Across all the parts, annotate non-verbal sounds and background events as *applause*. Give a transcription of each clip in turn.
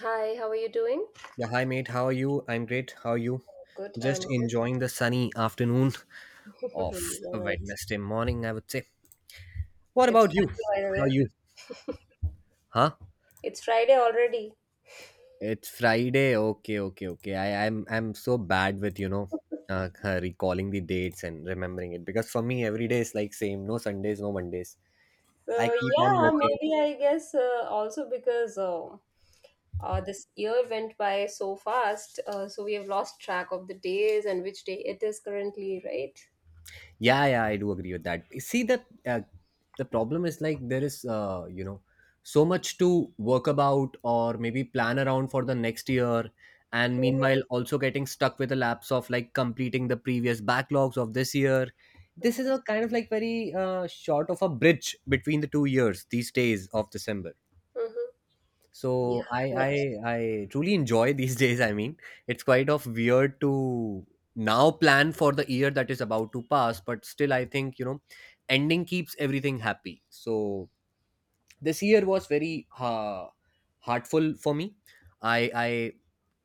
Hi, how are you doing? Yeah, hi mate. How are you? I'm great. How are you? Good, Just I'm enjoying the sunny afternoon *laughs* of a all right. Wednesday morning, I would say. What It's about you? Friday, by the How are way. you? Huh? It's Friday already. It's Friday. Okay, okay, okay. I'm so bad with recalling the dates and remembering it because for me every day is like same. No Sundays, no Mondays. I So keep on yeah, working. maybe I guess also because this year went by so fast, so we have lost track of the days and which day it is currently, right? Yeah, yeah, I do agree with that. The problem is like there is, you know, so much to work about or maybe plan around for the next year, and Mm-hmm, meanwhile also getting stuck with the lapse of like completing the previous backlogs of this year. This mm-hmm, is a kind of like very short of a bridge between the 2 years, these days of December. mm-hmm. so Yeah, i right. i I truly enjoy *laughs* these days. I mean, it's quite of weird to now plan for the year that is about to pass, but still I think, you know, ending keeps everything happy. So this year was very heartful for me. I i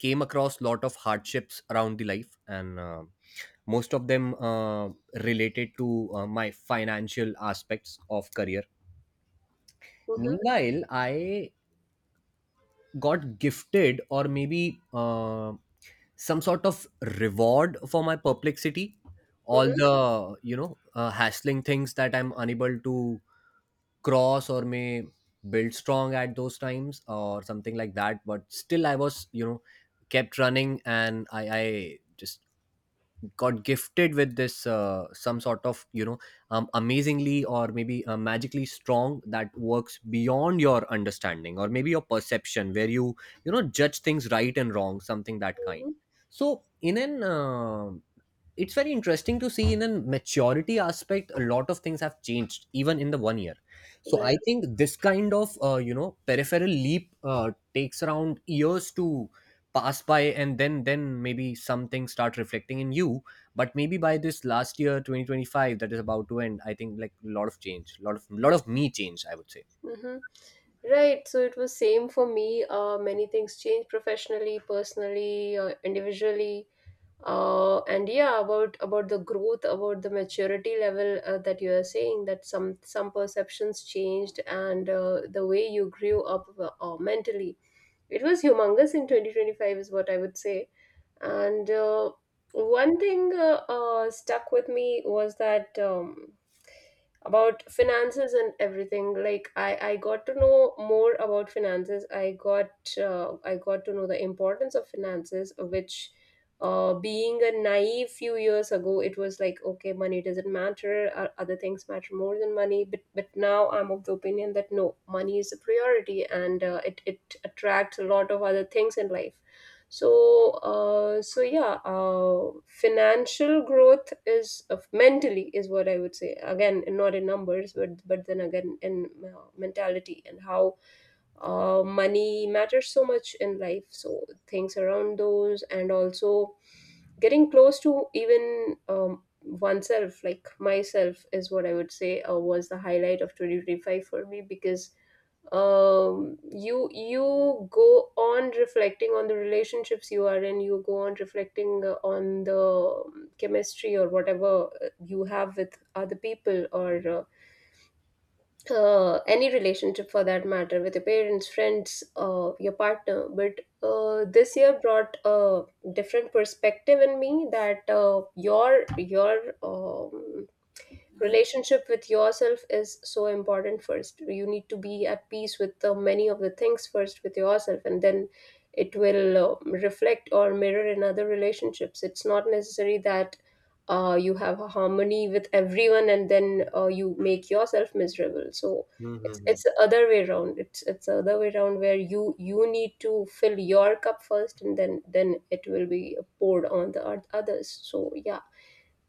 came across lot of hardships around the life, and most of them related to my financial aspects of career. Mm-hmm, Meanwhile, I got gifted, or maybe some sort of reward for my perplexity, all the hassling things that I'm unable to cross or may build strong at those times or something like that. But still I was, you know, kept running, and I just got gifted with this, some sort of, amazingly or maybe magically strong that works beyond your understanding or maybe your perception, where you know, judge things right and wrong, something that kind. mm-hmm, So in an uh, It's very interesting to see, in a maturity aspect, a lot of things have changed even in the 1 year. mm-hmm, So I right. think this kind of peripheral leap takes around years to pass by, and then maybe something start reflecting in you. But maybe by this last year 2025, that is about to end, I think like a lot of change, lot of me change, I would Mm-hmm. Right, so it was same for me. Many things changed professionally, personally, individually, and yeah, about the growth, about the maturity level that you are saying that some perceptions changed, and the way you grew up mentally. It was humongous in 2025, is what I would say. And one thing stuck with me was that about finances and everything. Like I got to know more about finances. I got to know the importance of finances, which being a naive few years ago, it was like okay, money doesn't matter. Other things matter more than money. But now I'm of the opinion that no, money is a priority, and it attracts a lot of other things in life. So so yeah, financial growth is of mentally is what I would say, again not in numbers, but then again in mentality and how money matters so much in life, so things around those and also getting close to even oneself like myself is what I would say was the highlight of 2025 for me, because you you go on reflecting on the relationships you are in, you go on reflecting on the chemistry or whatever you have with other people, or any relationship for that matter, with your parents, friends, your partner. But this year brought a different perspective in me, that your relationship with yourself is so important. First you need to be at peace with the many of the things first with yourself, and then it will reflect or mirror in other relationships. It's not necessary that you have a harmony with everyone and then you make yourself miserable. So it's say. it's the other way around. It's the other way around, where you need to fill your cup first, and then it will be poured on the others. So yeah,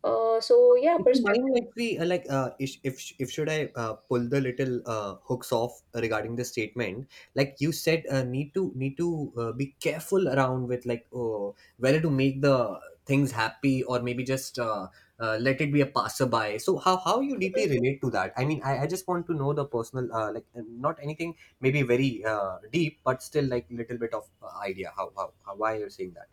so yeah, If you mind, perspective. like we like if should I pull the little hooks off regarding the statement? Like you said, need to be careful around with like, oh, whether to make the things happy or maybe just let it be a passerby. So how you deeply relate to that? I mean, I just want to know the personal not anything maybe very deep, but still like little bit of idea how, why you're saying that.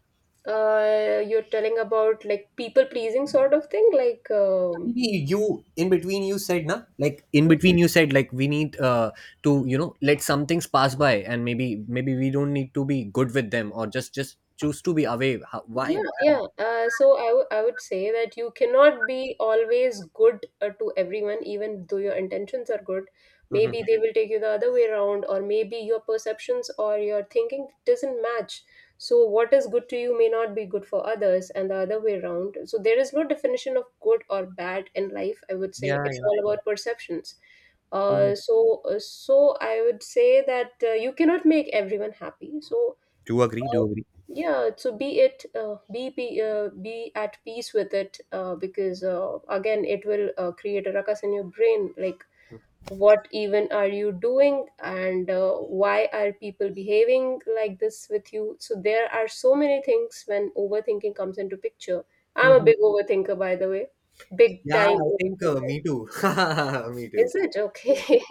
You're telling about like people pleasing sort of thing, like Maybe you in between you said, na, like in hmm? between you said like we need to you know let some things pass by, and maybe we don't need to be good with them, or just choose to be away. How, why? Yeah, Why? yeah. So I I would say that you cannot be always good to everyone, even though your intentions are good. Maybe Mhm. they will take you the other way around, or maybe your perceptions or your thinking doesn't match. So what is good to you may not be good for others, and the other way around. So there is no definition of good or bad in life, I would say. Yeah, It's all yeah. about perceptions. Mhm. So I would say that you cannot make everyone happy. So Do agree. Do uh, agree. yeah, so be it, be at peace with it, because again, it will create a ruckus in your brain. Like, what even are you doing, and why are people behaving like this with you? So there are so many things when overthinking comes into picture. I'm a Mhm. big overthinker, by the way, big Yeah, time I think overthinker. me too. *laughs* Me too. Is it Yeah. okay?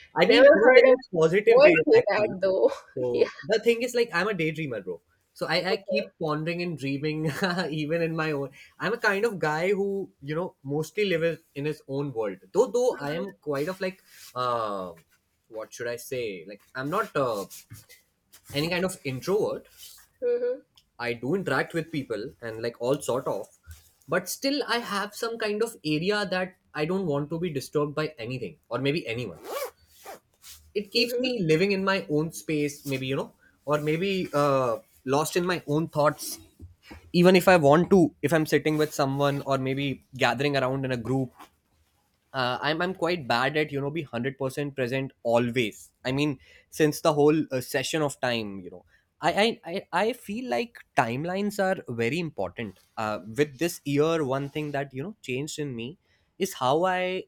*laughs* I mean, Never in a heard a very positive boy way, say actually. that though. *laughs* Yeah. So the thing is, like, I'm a daydreamer, bro. So I keep pondering and dreaming, *laughs* even in my own. I'm a kind of guy who, you know, mostly lives in his own world. Though, I Okay. am quite of like, uh, what should I say? Like, I'm not any kind of introvert. Hmm. I do interact with people and like all sort of, but still I have some kind of area that I don't want to be disturbed by anything or maybe anyone. It keeps Hmm. me living in my own space, maybe, you know, or maybe lost in my own thoughts, even if I want to, if I'm sitting with someone or maybe gathering around in a group. I'm quite bad at, you know, be 100% present always. I mean, since the whole session of time, you know, I I I I feel like timelines are very important. With this year, one thing that, you know, changed in me is how I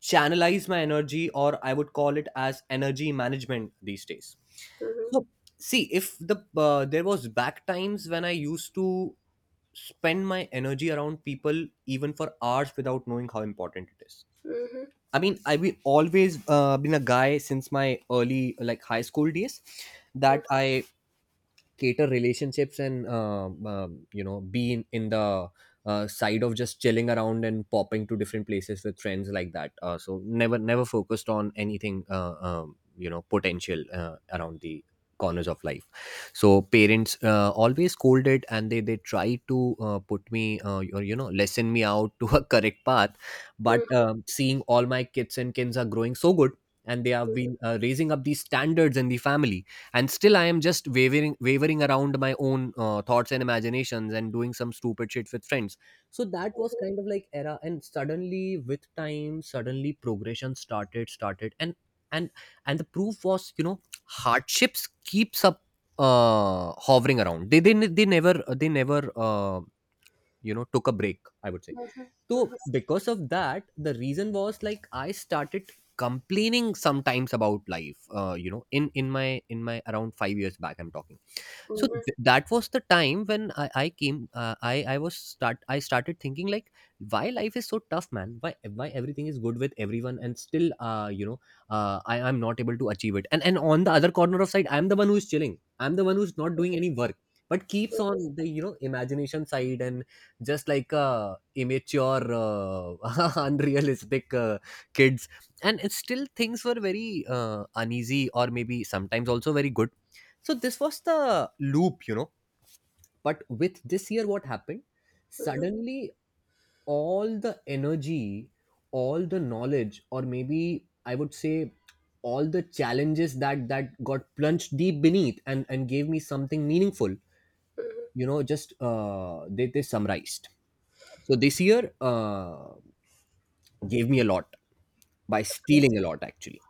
channelize my energy, or I would call it as energy management these days. Hmm. So see, if there was back times when I used to spend my energy around people even for hours without knowing how important it is. I mean, I've always been a guy since my early, like high school days, that I cater relationships and you know, be in the side of just chilling around and popping to different places with friends like that. So never focused on anything, you know, potential around the corners of life. So parents always scolded and they try to put me, or you know, lessen me out *laughs* to a correct path. But seeing all my kids and kins are growing so good, and they have been raising up these standards in the family, and still I am just wavering around my own thoughts and imaginations, and doing some stupid shit with friends. So that was kind of like era, and suddenly with time suddenly progression started. And and the proof was, you know, hardships keeps up hovering around. They never, they never, you know, took a break, I would say. So because of that, the reason was like I started complaining sometimes about life. You know, in my around 5 years back, I'm talking. So Okay. that was the time when I came I was start I started thinking like, why life is so tough, man? Why everything is good with everyone, and still, you know I I'm not able to achieve it. And on the other corner of side, I'm the one who's chilling. I'm the one who's not doing any work, but keeps on the, you know, imagination side, and just like immature, *laughs* unrealistic, kids. And it's still things were very uneasy or maybe sometimes also very good. So this was the loop, you know. But with this year, what happened? Suddenly, all the energy, all the knowledge, or maybe I would say all the challenges that got plunged deep beneath, and gave me something meaningful. You know, just they summarized. So this year gave me a lot, by stealing a lot, actually.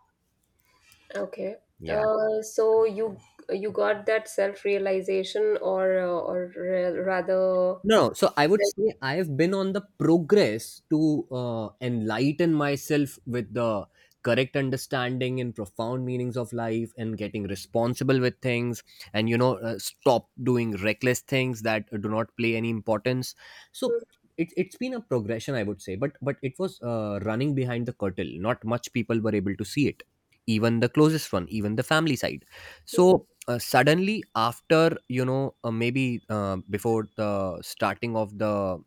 Yeah. So you got that self-realization, or or rather No, so I would say I have been on the progress to enlighten myself with the correct understanding and profound meanings of life, and getting responsible with things, and you know, stop doing reckless things that do not play any importance. So it's been a progression, I would say. But it was, running behind the curtain, not much people were able to see it, even the closest one, even the family side. So suddenly after, you know, maybe before the starting of the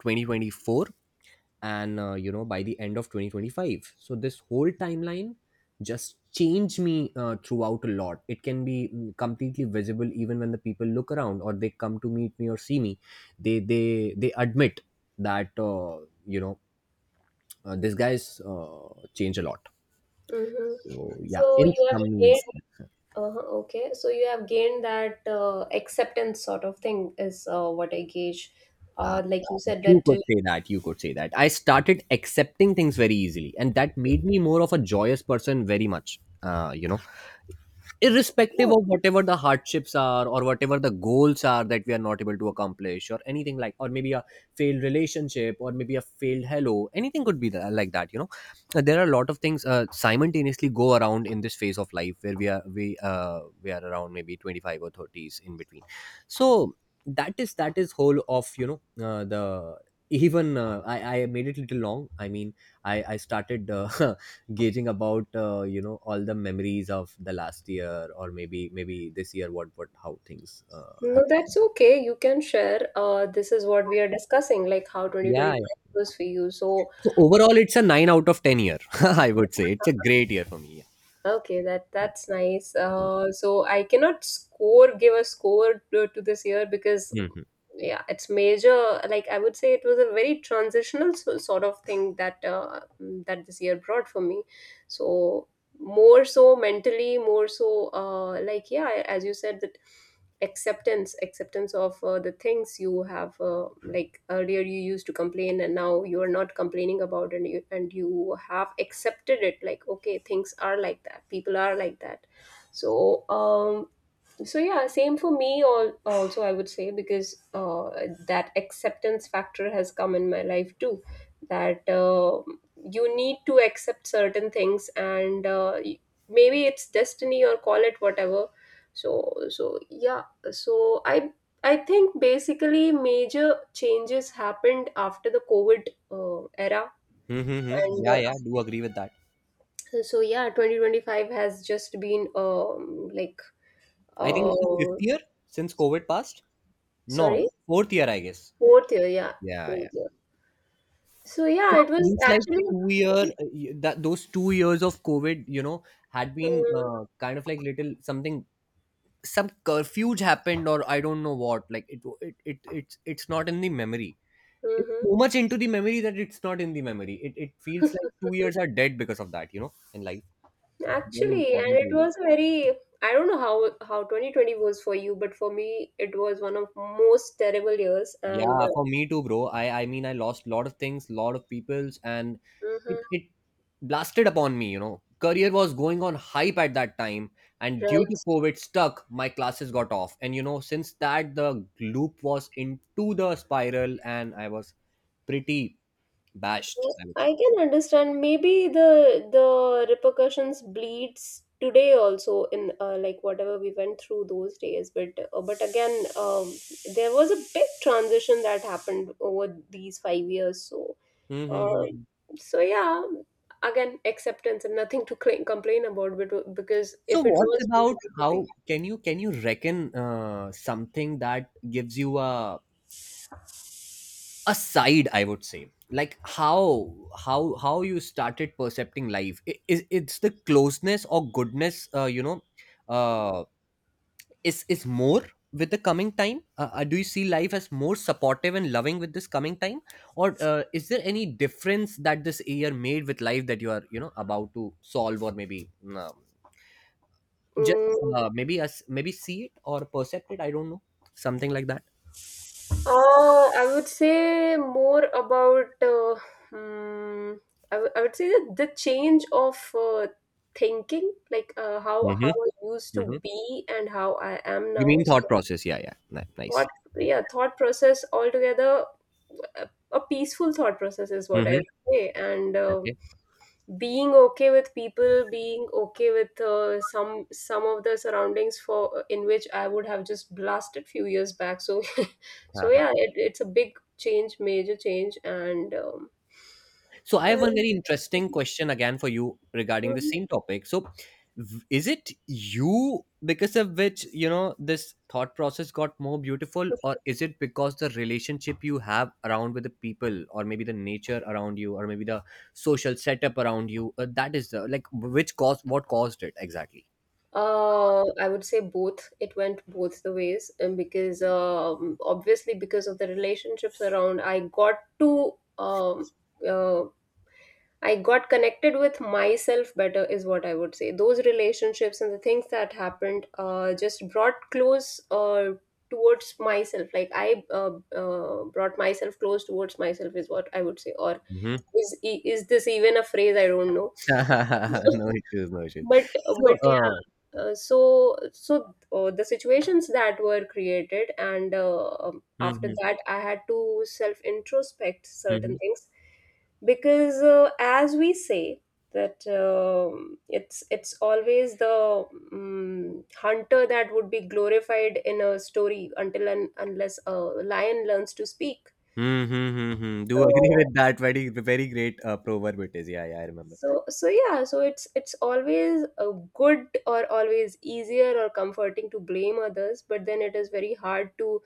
2024, and you know, by the end of 2025, so this whole timeline just changed me throughout a lot. It can be, mm, completely visible even when the people look around or they come to meet me or see me, they admit that you know this guy's changed a lot. hmm. So yeah, So in you have some. gained uh okay. So you have gained that acceptance sort of thing is what I gauge. Uh, Like you said you that could say that. You could say that. I started accepting things very easily, and that made me more of a joyous person, very much. You know, irrespective uh, of whatever the hardships are or whatever the goals are that we are not able to accomplish, or anything like, or maybe a failed relationship, or maybe a failed hello, anything could be that, like that, you know. There are a lot of things, simultaneously go around in this phase of life where we are around maybe 25 or 30s in between. So that is whole of, you know, the even I made it little long. I mean, I started *laughs* gauging about, you know, all the memories of the last year, or maybe this year, what how things no, have. that's okay. You can share. This is what we are discussing, like how Yeah, yeah. 2025 was for you. So, So overall it's a 9 out of 10 year. *laughs* I would say it's a great year for me. Yeah. okay, that that's nice. So I cannot score, give a score to this year because Hmm. yeah it's major. Like I would say it was a very transitional sort of thing that that this year brought for me. So more so mentally, more so like yeah, as you said, that acceptance of the things you have, like earlier you used to complain and now you are not complaining about, and you have accepted it. Like okay, things are like that, people are like that. So so yeah, same for me, also I would say, because that acceptance factor has come in my life too, that you need to accept certain things, and maybe it's destiny or call it whatever. So so yeah, so I think basically major changes happened after the covid era, Mm-hmm. and Yeah, yeah, do agree with that. so yeah 2025 has just been like I think uh, it's the fifth year since COVID passed. No, sorry. fourth year, I guess. Fourth year, yeah, Yeah, yeah, fourth year. So yeah, it it was seems like actually, 2 year, that those 2 years of COVID, had been Mhm, kind of like little something, some curfews happened or I don't know what, like it's not in the memory. It's mhm, so much into the memory that it's not in the memory. It feels like two mhm. years are dead because of that. And like very Actually, and important it 2 years. was a very. I don't know how 2020 was for you, but for me, it was one of most terrible years. And Yeah, for me too, bro. I mean, I lost a lot of things, lot of peoples, and it, mhm, it blasted upon me, you know. Career was going on hype at that time, and due right, to COVID stuck, my classes got off, and since that the loop was into the spiral, and I was pretty bashed, yeah, I would say. I can understand. Maybe the repercussions bleeds today also, in like whatever we went through those days. But again, um, there was a big transition that happened over these 5 years. So Uh, Mm-hmm. so yeah, again, acceptance and nothing to complain about. But because if So it what's was, about, it would be. how can you, can you reckon something that gives you a side, I would say, like how, how you started percepting life? I- is it's the closeness or goodness, uh, is more with the coming time. Do you see life as more supportive and loving with this coming time, or is there any difference that this year made with life that you are, about to solve, or maybe just, Mm, maybe, as maybe see it or percept it. I don't know, something like that. uh, I would say more about. Mm, I would say that the change of thinking, like how Hmm. I used to Hmm. be and how I am You now. mean thought So process? Yeah, yeah. Nice. thought, yeah, thought process altogether. A peaceful thought process is what I Mm-hmm. would say, and. Okay. Being okay with people, being okay with some of the surroundings for in which I would have just blasted few years back. So *laughs* so Uh-huh. yeah, it, it's a big change, major change. And So I have one and- very interesting question again for you regarding the Mhm. same topic. So, is it you because of which, this thought process got more beautiful, or is it because the relationship you have around with the people, or maybe the nature around you, or maybe the social setup around you, that is the, like, which caused what caused it exactly? I would say both. It went both the ways, and because obviously because of the relationships around, I got to uh, I got connected with myself better, is what I would say. Those relationships and the things that happened just brought close towards myself. Like I brought myself close towards myself, is what I would say. Or is this even a phrase? I don't know. *laughs* No issues, no issues. but So, but yeah, so the situations that were created, and after mhm, that, I had to self introspect certain mhm, things, because as we say that it's always the hunter that would be glorified in a story until and unless a lion learns to speak. mhm, mhm, do *laughs* agree So with that. Very, very great proverb it is. Yeah, yeah, I remember. so so yeah, so it's always a good or always easier or comforting to blame others, but then it is very hard to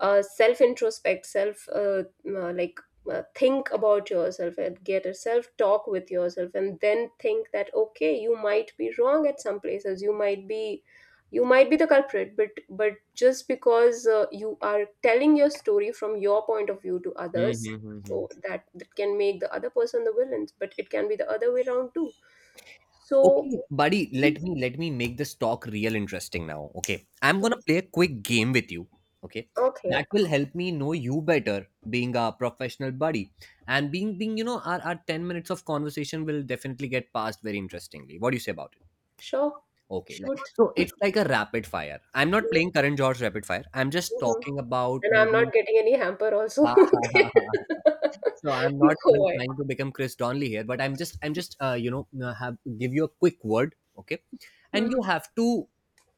self introspect, self like think about yourself and get a self talk with yourself, and then think that okay, you might be wrong at some places, you might be the culprit. But just because you are telling your story from your point of view to others, Mhm, so mhm. that that can make the other person the villain, but it can be the other way around too. So Okay, buddy, let me make this talk real interesting now. Okay, I'm gonna play a quick game with you. Okay, okay, that will help me know you better, being a professional buddy, and being, you know, our 10 minutes of conversation will definitely get passed very interestingly. What do you say about it? sure, Okay, like, shoot. so it's like a rapid fire. I'm not playing current George rapid fire. I'm just Mhm. talking about And I'm not maybe. getting any hamper also *laughs* *laughs* okay So I'm *laughs* not even go ahead. trying to become Chris Donley here, but I'm just have give you a quick word, okay, and you Mm-hmm. have to,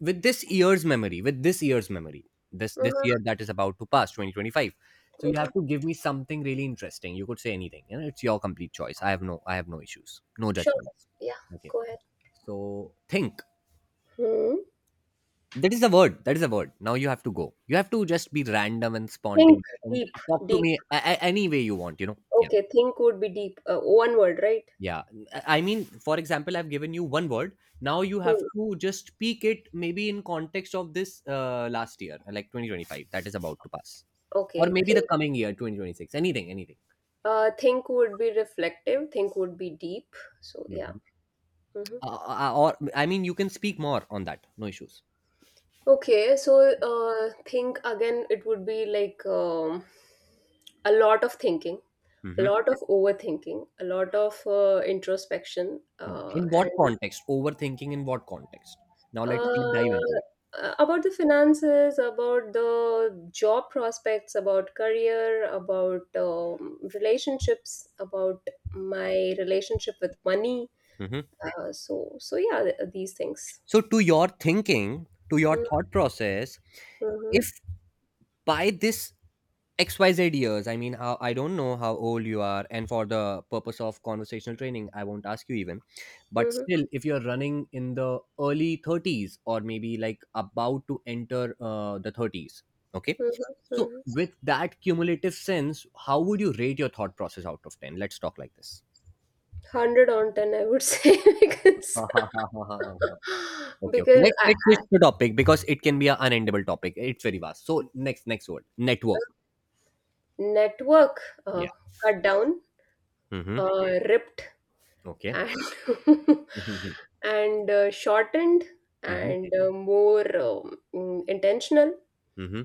with this year's memory, with this year's memory, this Mm-hmm. year that is about to pass, 2025. So you have to Mm, give me something really interesting. You could say anything, you know, it's your complete choice. I have no issues, no sure, judgments. yeah, Okay, go ahead. so, think. Hmm. That is the word. That is the word. Now you have to go. You have to just be random and Think spontaneous and deep. talk to Deep. me any way you want, you know? Yeah. Okay, think would be deep, one word, right? Yeah. I mean, for example, I've given you one word. Now you have Hmm. to just speak it maybe in context of this, last year, like 2025, that is about to pass. Or Okay, maybe the think, coming year, 2026, anything, anything. Think would be reflective, think would be deep, so yeah. Hmm. Hmm. Or, I mean, you can speak more on that. No issues. Okay, so think again, it would be like a lot of thinking, a Hmm. lot of overthinking, a lot of introspection, In what and context? Overthinking in what context? Now let's deep dive into about the finances, about the job prospects, about career, about relationships, about my relationship with money. it. So yeah, these things. So, to your thinking, to your Mm-hmm, thought process, mm-hmm, if by this XYZ years, I mean, how, I don't know how old you are, and for the purpose of conversational training, I won't ask you even, but mm-hmm, still, if you're running in the early 30s or maybe like about to enter, the 30s, okay? So, mm-hmm. with that cumulative sense, how would you rate your thought process out of 10? Let's talk like this. 100 on 10 I would say *laughs* because *laughs* Okay, okay. because Let's I, let's switch the topic because it can be an unendable topic. It's very vast. So, next word. Network. network, uh, Yeah. cut down, Mm-hmm. Ripped, Okay. and *laughs* Mm-hmm. and shortened, Mm-hmm. and more intentional, Mm-hmm.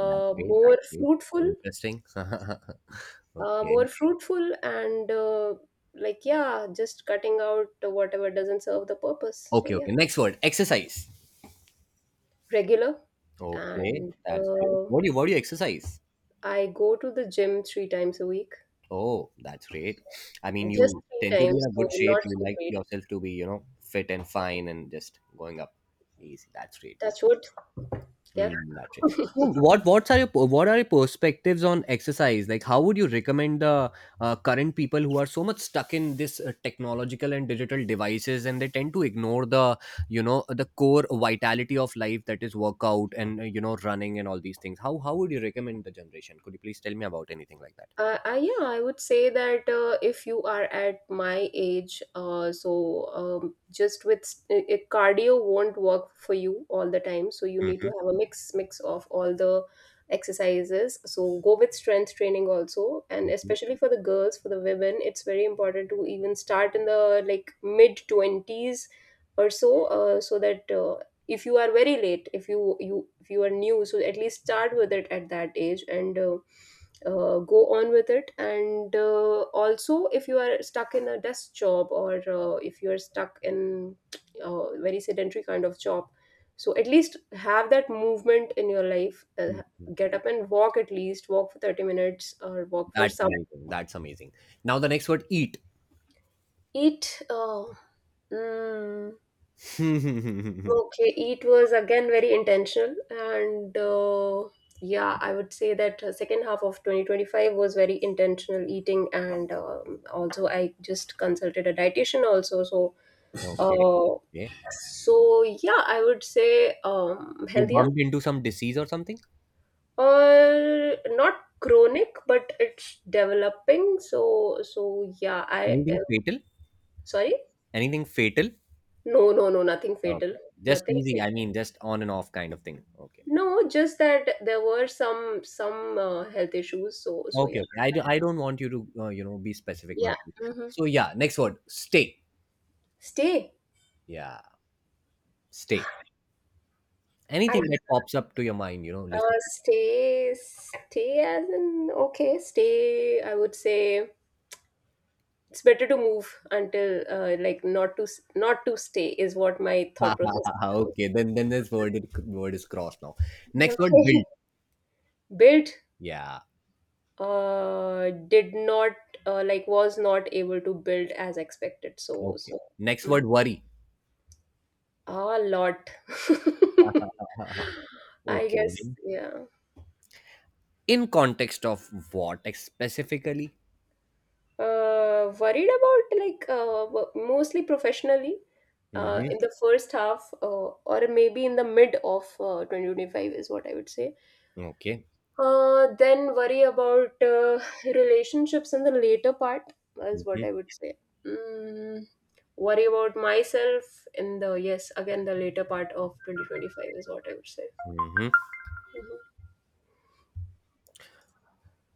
That's great. more That's great. Very fruitful, interesting. *laughs* Okay. more fruitful, and like yeah, just cutting out whatever doesn't serve the purpose. So Okay, yeah, okay. Next word. Exercise. regular. Okay. And That's great. What do you, what do you exercise? I go to the gym 3 times a week. Oh, that's great. I mean, Just you three tend to be in times, a so good shape. not You so like great. yourself to be, you know, fit and fine and just going up. Easy. That's great. Touch wood. Yeah. Mm, that's it. *laughs* So, what, what are your perspectives on exercise? Like, how would you recommend the, current people who are so much stuck in this, technological and digital devices, and they tend to ignore the, the core vitality of life that is workout and, running and all these things? How would you recommend the generation? Could you please tell me about anything like that? I, yeah, I would say that if you are at my age, so just with cardio won't work for you all the time. So you need to Mhm, have a mix of all the exercises. So go with strength training also, and mhm, especially for the girls, for the women, it's very important to even start in the like mid twenties or so, so that if you are very late, if you are new, so at least start with it at that age and go on with it and also if you are stuck in a desk job or if you are stuck in a very sedentary kind of job, so at least have that movement in your life, mhm. get up and walk, at least walk for 30 minutes or walk for That's some. amazing. That's amazing. Now the next word, eat. Eat. Mm, *laughs* Okay. Okay, it was again very intentional, and yeah, I would say that second half of 2025 was very intentional eating, and also I just consulted a dietitian also. So, Okay. uh, so yeah, I would say You healthier bumped into some disease or something? or not chronic, but it's developing. So yeah, I Anything fatal? sorry, Anything fatal? no, no, no, nothing fatal, Okay. Just nothing easy. I fatal. mean, just on and off kind of thing. Okay. No, just that there were some health issues. So so yeah, Okay. Okay. I, I don't want you to, be specific. No yeah. issue. Hmm. So, yeah. Next word. Stay. Stay. Yeah. Stay. I Anything that pops up to your mind, you know, listen. *laughs* stay stay as in okay stay. I would say it's better to move until like not not to stay is what my Ha, thought ha, process. ha, ha. Is. Okay. Then this word, word is crossed now. Next word. Okay. Build. *laughs* Built. Yeah. Did not like was not able to build as expected. So Okay. so. Next Mm, word. Worry. *laughs* a lot. Ha, ha, *laughs* ha, ha, ha. I Okay. guess, yeah. In context of what specifically? Worried about like mostly professionally Hmm. in the first half or maybe in the mid of 2025 is what I would say. Okay. Then worry about relationships in the later part is what Hmm. I would say. Mm, worry about myself in the, yes, again, the later part of 2025 is what I would say. Hmm. Mm-hmm.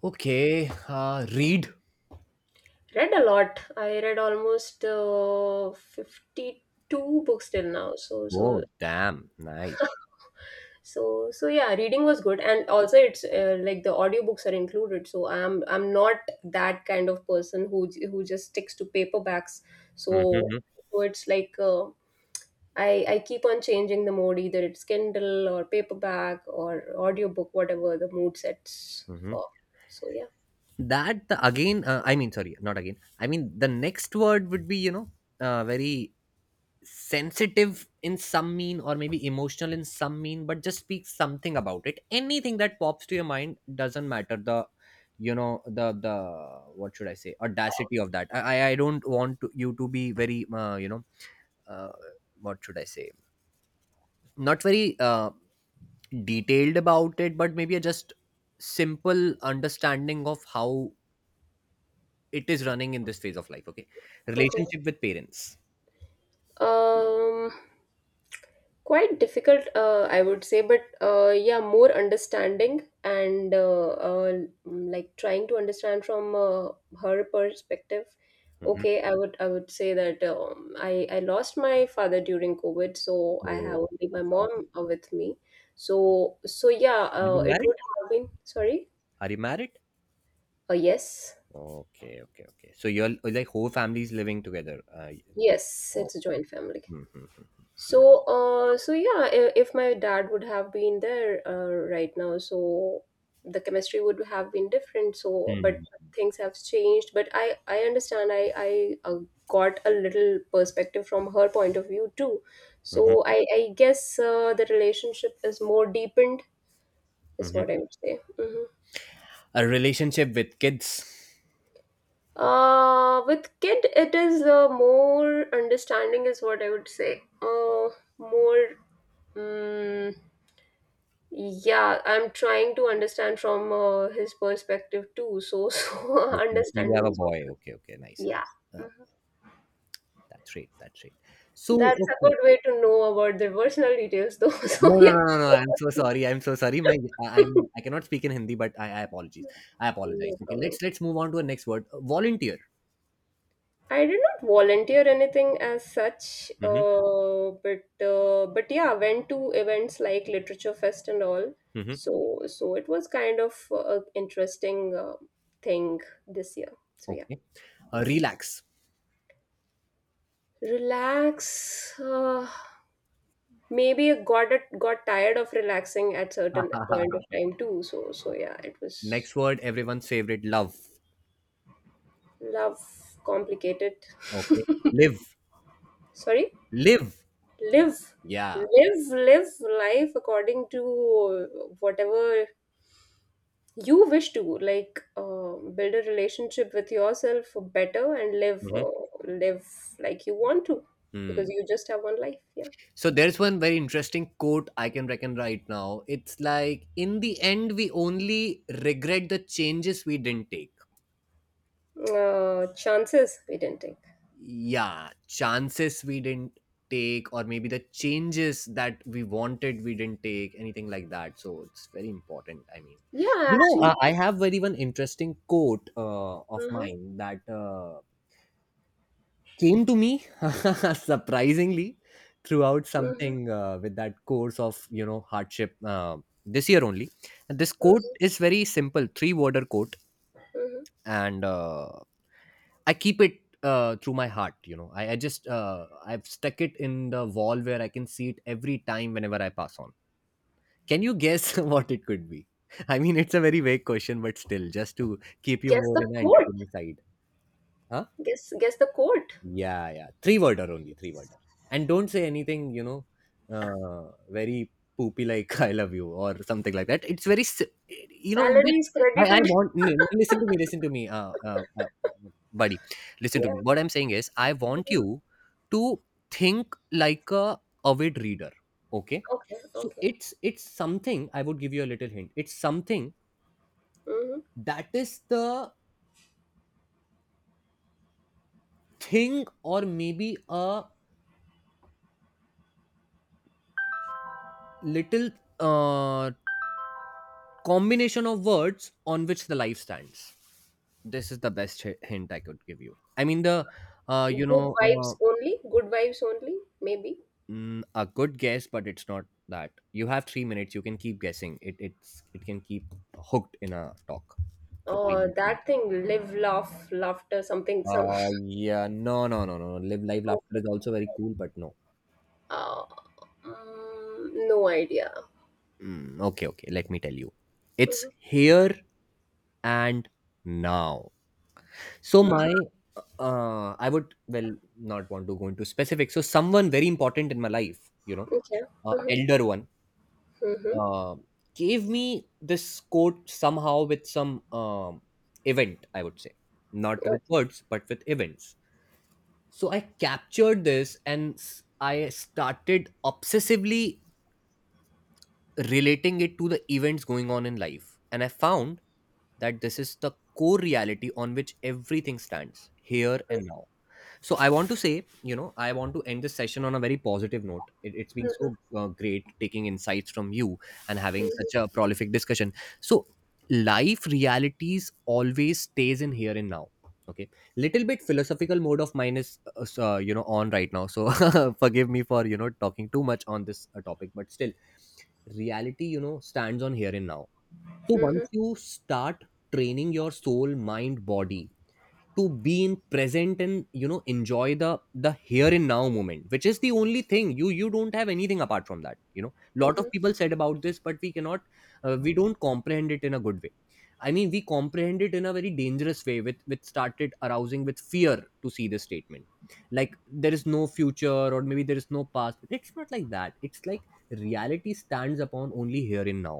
Okay. Read. Read a lot. I read almost 52 books till now. So so Oh, damn. Nice. so so yeah, reading was good, and also it's like the audiobooks are included. So I'm not that kind of person who just sticks to paperbacks. So, Hmm. so it's like I keep on changing the mode, either it's Kindle or paperback or audiobook, whatever the mood sets Hmm. for. So yeah. That again, I mean, sorry, not again. I mean, the next word would be, you know, very sensitive in some mean or maybe emotional in some mean, but just speak something about it. Anything that pops to your mind doesn't matter. The, you know, what should I say, audacity of that. I don't want to, you to be very, uh, what should I say? Not very. Detailed about it, but maybe a just simple understanding of how it is running in this phase of life. Okay, Okay. relationship with parents. Um Quite difficult, I would say, but yeah, more understanding and like trying to understand from her perspective. Mhm. Okay, I would say that I lost my father during COVID, so I have Oh, only my I'm sorry. mom with me. So so yeah, Are you it married? would have been, sorry, Are you married? Yes. Okay, okay, okay. So your like whole family is living together. Yes, Oh, it's a joint family. mhm, mhm. So, so yeah, if my dad would have been there right now, so the chemistry would have been different. So, but Hmm, things have changed. But I understand. I got a little perspective from her point of view too. So, mhm, I guess the relationship is more deepened, is mhm. what I would say. Hmm. A relationship with kids. With kid, it is more understanding, is what I would say. Uh, more. Mm. Yeah, I'm trying to understand from his perspective too. So, *laughs* so Okay, so you have understanding a is what. boy. Okay, okay, nice. Yeah. Oh, Mhm. that's right. That's right. So, That's a okay. good way to know about the personal details, though. *laughs* So No, no, yeah, no, no, no. I'm so sorry. I'm so sorry. I'm, *laughs* I cannot speak in Hindi, but I apologize. I apologize. no Okay, problem. let's move on to the next word. Volunteer. I did not volunteer anything as such, Hmm. but but yeah, went to events like Literature Fest and all. Hmm. So so it was kind of interesting thing this year. So yeah. Okay. Mhm. Relax. Relax, maybe I got, it got tired of relaxing at certain point *laughs* of time too, so so yeah, it was. Next word, everyone's favorite. Love. Love, complicated. Okay. *laughs* Live. Sorry. Live. Live. Yeah. Live life according to whatever you wish to, like build a relationship with yourself for better and live, Hmm. Live like you want to, because Hmm. you just have one life. So there's one very interesting quote I can reckon right now. It's like, in the end, we only regret the changes we didn't take. Yeah, chances we didn't take. Yeah, chances we didn't take, or maybe the changes that we wanted, we didn't take, anything like that. So it's very important, I mean, Yeah, you know, I actually. have very one interesting quote of Mhm, mine that came to me *laughs* surprisingly throughout mhm, something, with that course of, you know, hardship, this year only. And this quote mhm, is very simple three worder quote. mhm. And I keep it, through my heart. You know, I've stuck it in the wall where I can see it every time whenever I pass on. Can you guess *laughs* what it could be? I mean, it's a very vague question, but still, just to keep you Guess more the in the court. entertaining side. Huh? Guess the court. Yeah, yeah. Three worder only, three worder. And don't say anything, you know, very poopy, like *laughs* I love you or something like that. It's very, you know, Salary is credited. *laughs* Listen to me, buddy. Listen to Yeah. me. What I'm saying is, I want Mhm. you to think like a avid reader. Okay. Okay. So Okay. It's something, I would give you a little hint. It's something Hmm. that is the thing, or maybe a little uh combination of words on which the life stands. This is the best hint I could give you. I mean the, uh, you Good know uh, vibes only. Good vibes only. Maybe. A good guess, but it's not that you have 3 minutes. You can keep guessing it. It's, it can keep hooked in a talk for three Or minutes that thing. Live, laugh, laughter. Something. Some. *laughs* uh yeah. No, no, no, no, no. Live laughter is Okay. also very cool, but no. Uh, no idea. Okay, okay, let me tell you, it's Hmm. here and now. So my, I would well not want to go into specifics. So someone very important in my life, you know, Okay. Hmm. elder one, Hmm. uh, gave me this quote somehow with some, event. I would say not with Okay. words, but with events. So I captured this and I started obsessively relating it to the events going on in life, and I found that this is the core reality on which everything stands, here and now. So I want to say, you know, I want to end this session on a very positive note. It's been so, Hmm. Great, taking insights from you and having such a prolific discussion. So life realities always stays in here and now. Okay, little bit philosophical mode of mine is, on right now. So *laughs* forgive me for, you know, talking too much on this, topic, but still, reality, you know, stands on here and now. So Hmm. once you start training your soul, mind, body to be in present and, you know, enjoy the, here and now moment, which is the only thing. You don't have anything apart from that, you know. Hmm. Lot of Hmm. people said about this, but we cannot, we don't comprehend it in a good way. I mean, we comprehend it in a very dangerous way with, started arousing with fear to see this statement, like there is no future or maybe there is no past, but it's not like that. It's like reality stands upon only here and now.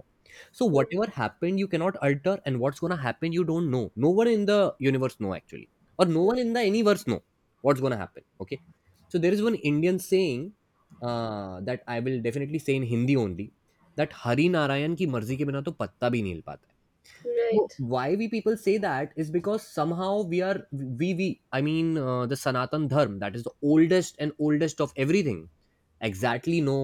So whatever happened you cannot alter, and what's going to happen you don't know. No one in the universe know actually, or no one in the universe know what's going to happen. Okay, so there is one Indian saying, that I will definitely say in Hindi only, that hari narayan ki marzi ke bina to patta bhi nahi हिल पाता है. So Right. why we people say that is because somehow we are we I mean, the sanatan dharm, that is the oldest and oldest of everything, exactly know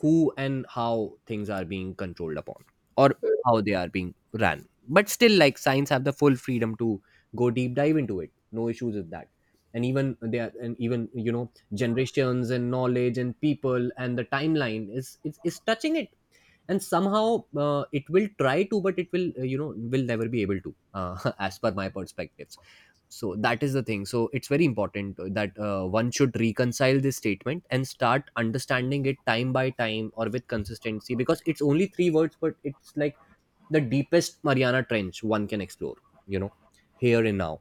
who and how things are being controlled upon, or Mm-hmm. how they are being ran. But still, like, science have the full freedom to go deep dive into it, no issues with that. And even they are, and even, you know, generations and knowledge and people and the timeline is touching it. And somehow it will try to, but it will, will never be able to, *laughs* as per my perspectives. So that is the thing. So it's very important that, one should reconcile this statement and start understanding it time by time or with consistency, because it's only three words, but it's like the deepest Mariana trench one can explore, you know, here and now.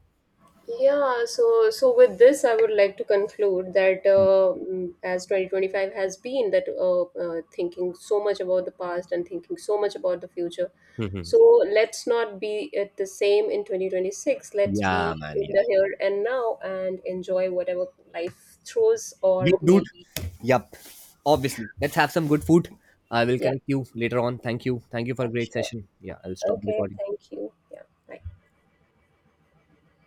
Yeah, so so with this, I would like to conclude that as 2025 has been that thinking so much about the past and thinking so much about the future. So let's not be at the same in 2026. *laughs* Let's Yeah, be man. in the here and now and enjoy whatever life throws, or Yo, dude. maybe, Yup. Obviously. Let's have some good food. I will yeah, connect you later on. Thank you. Thank you for a yeah, great sure. session. Yeah, I'll stop the Okay, recording. thank you. Yeah, bye.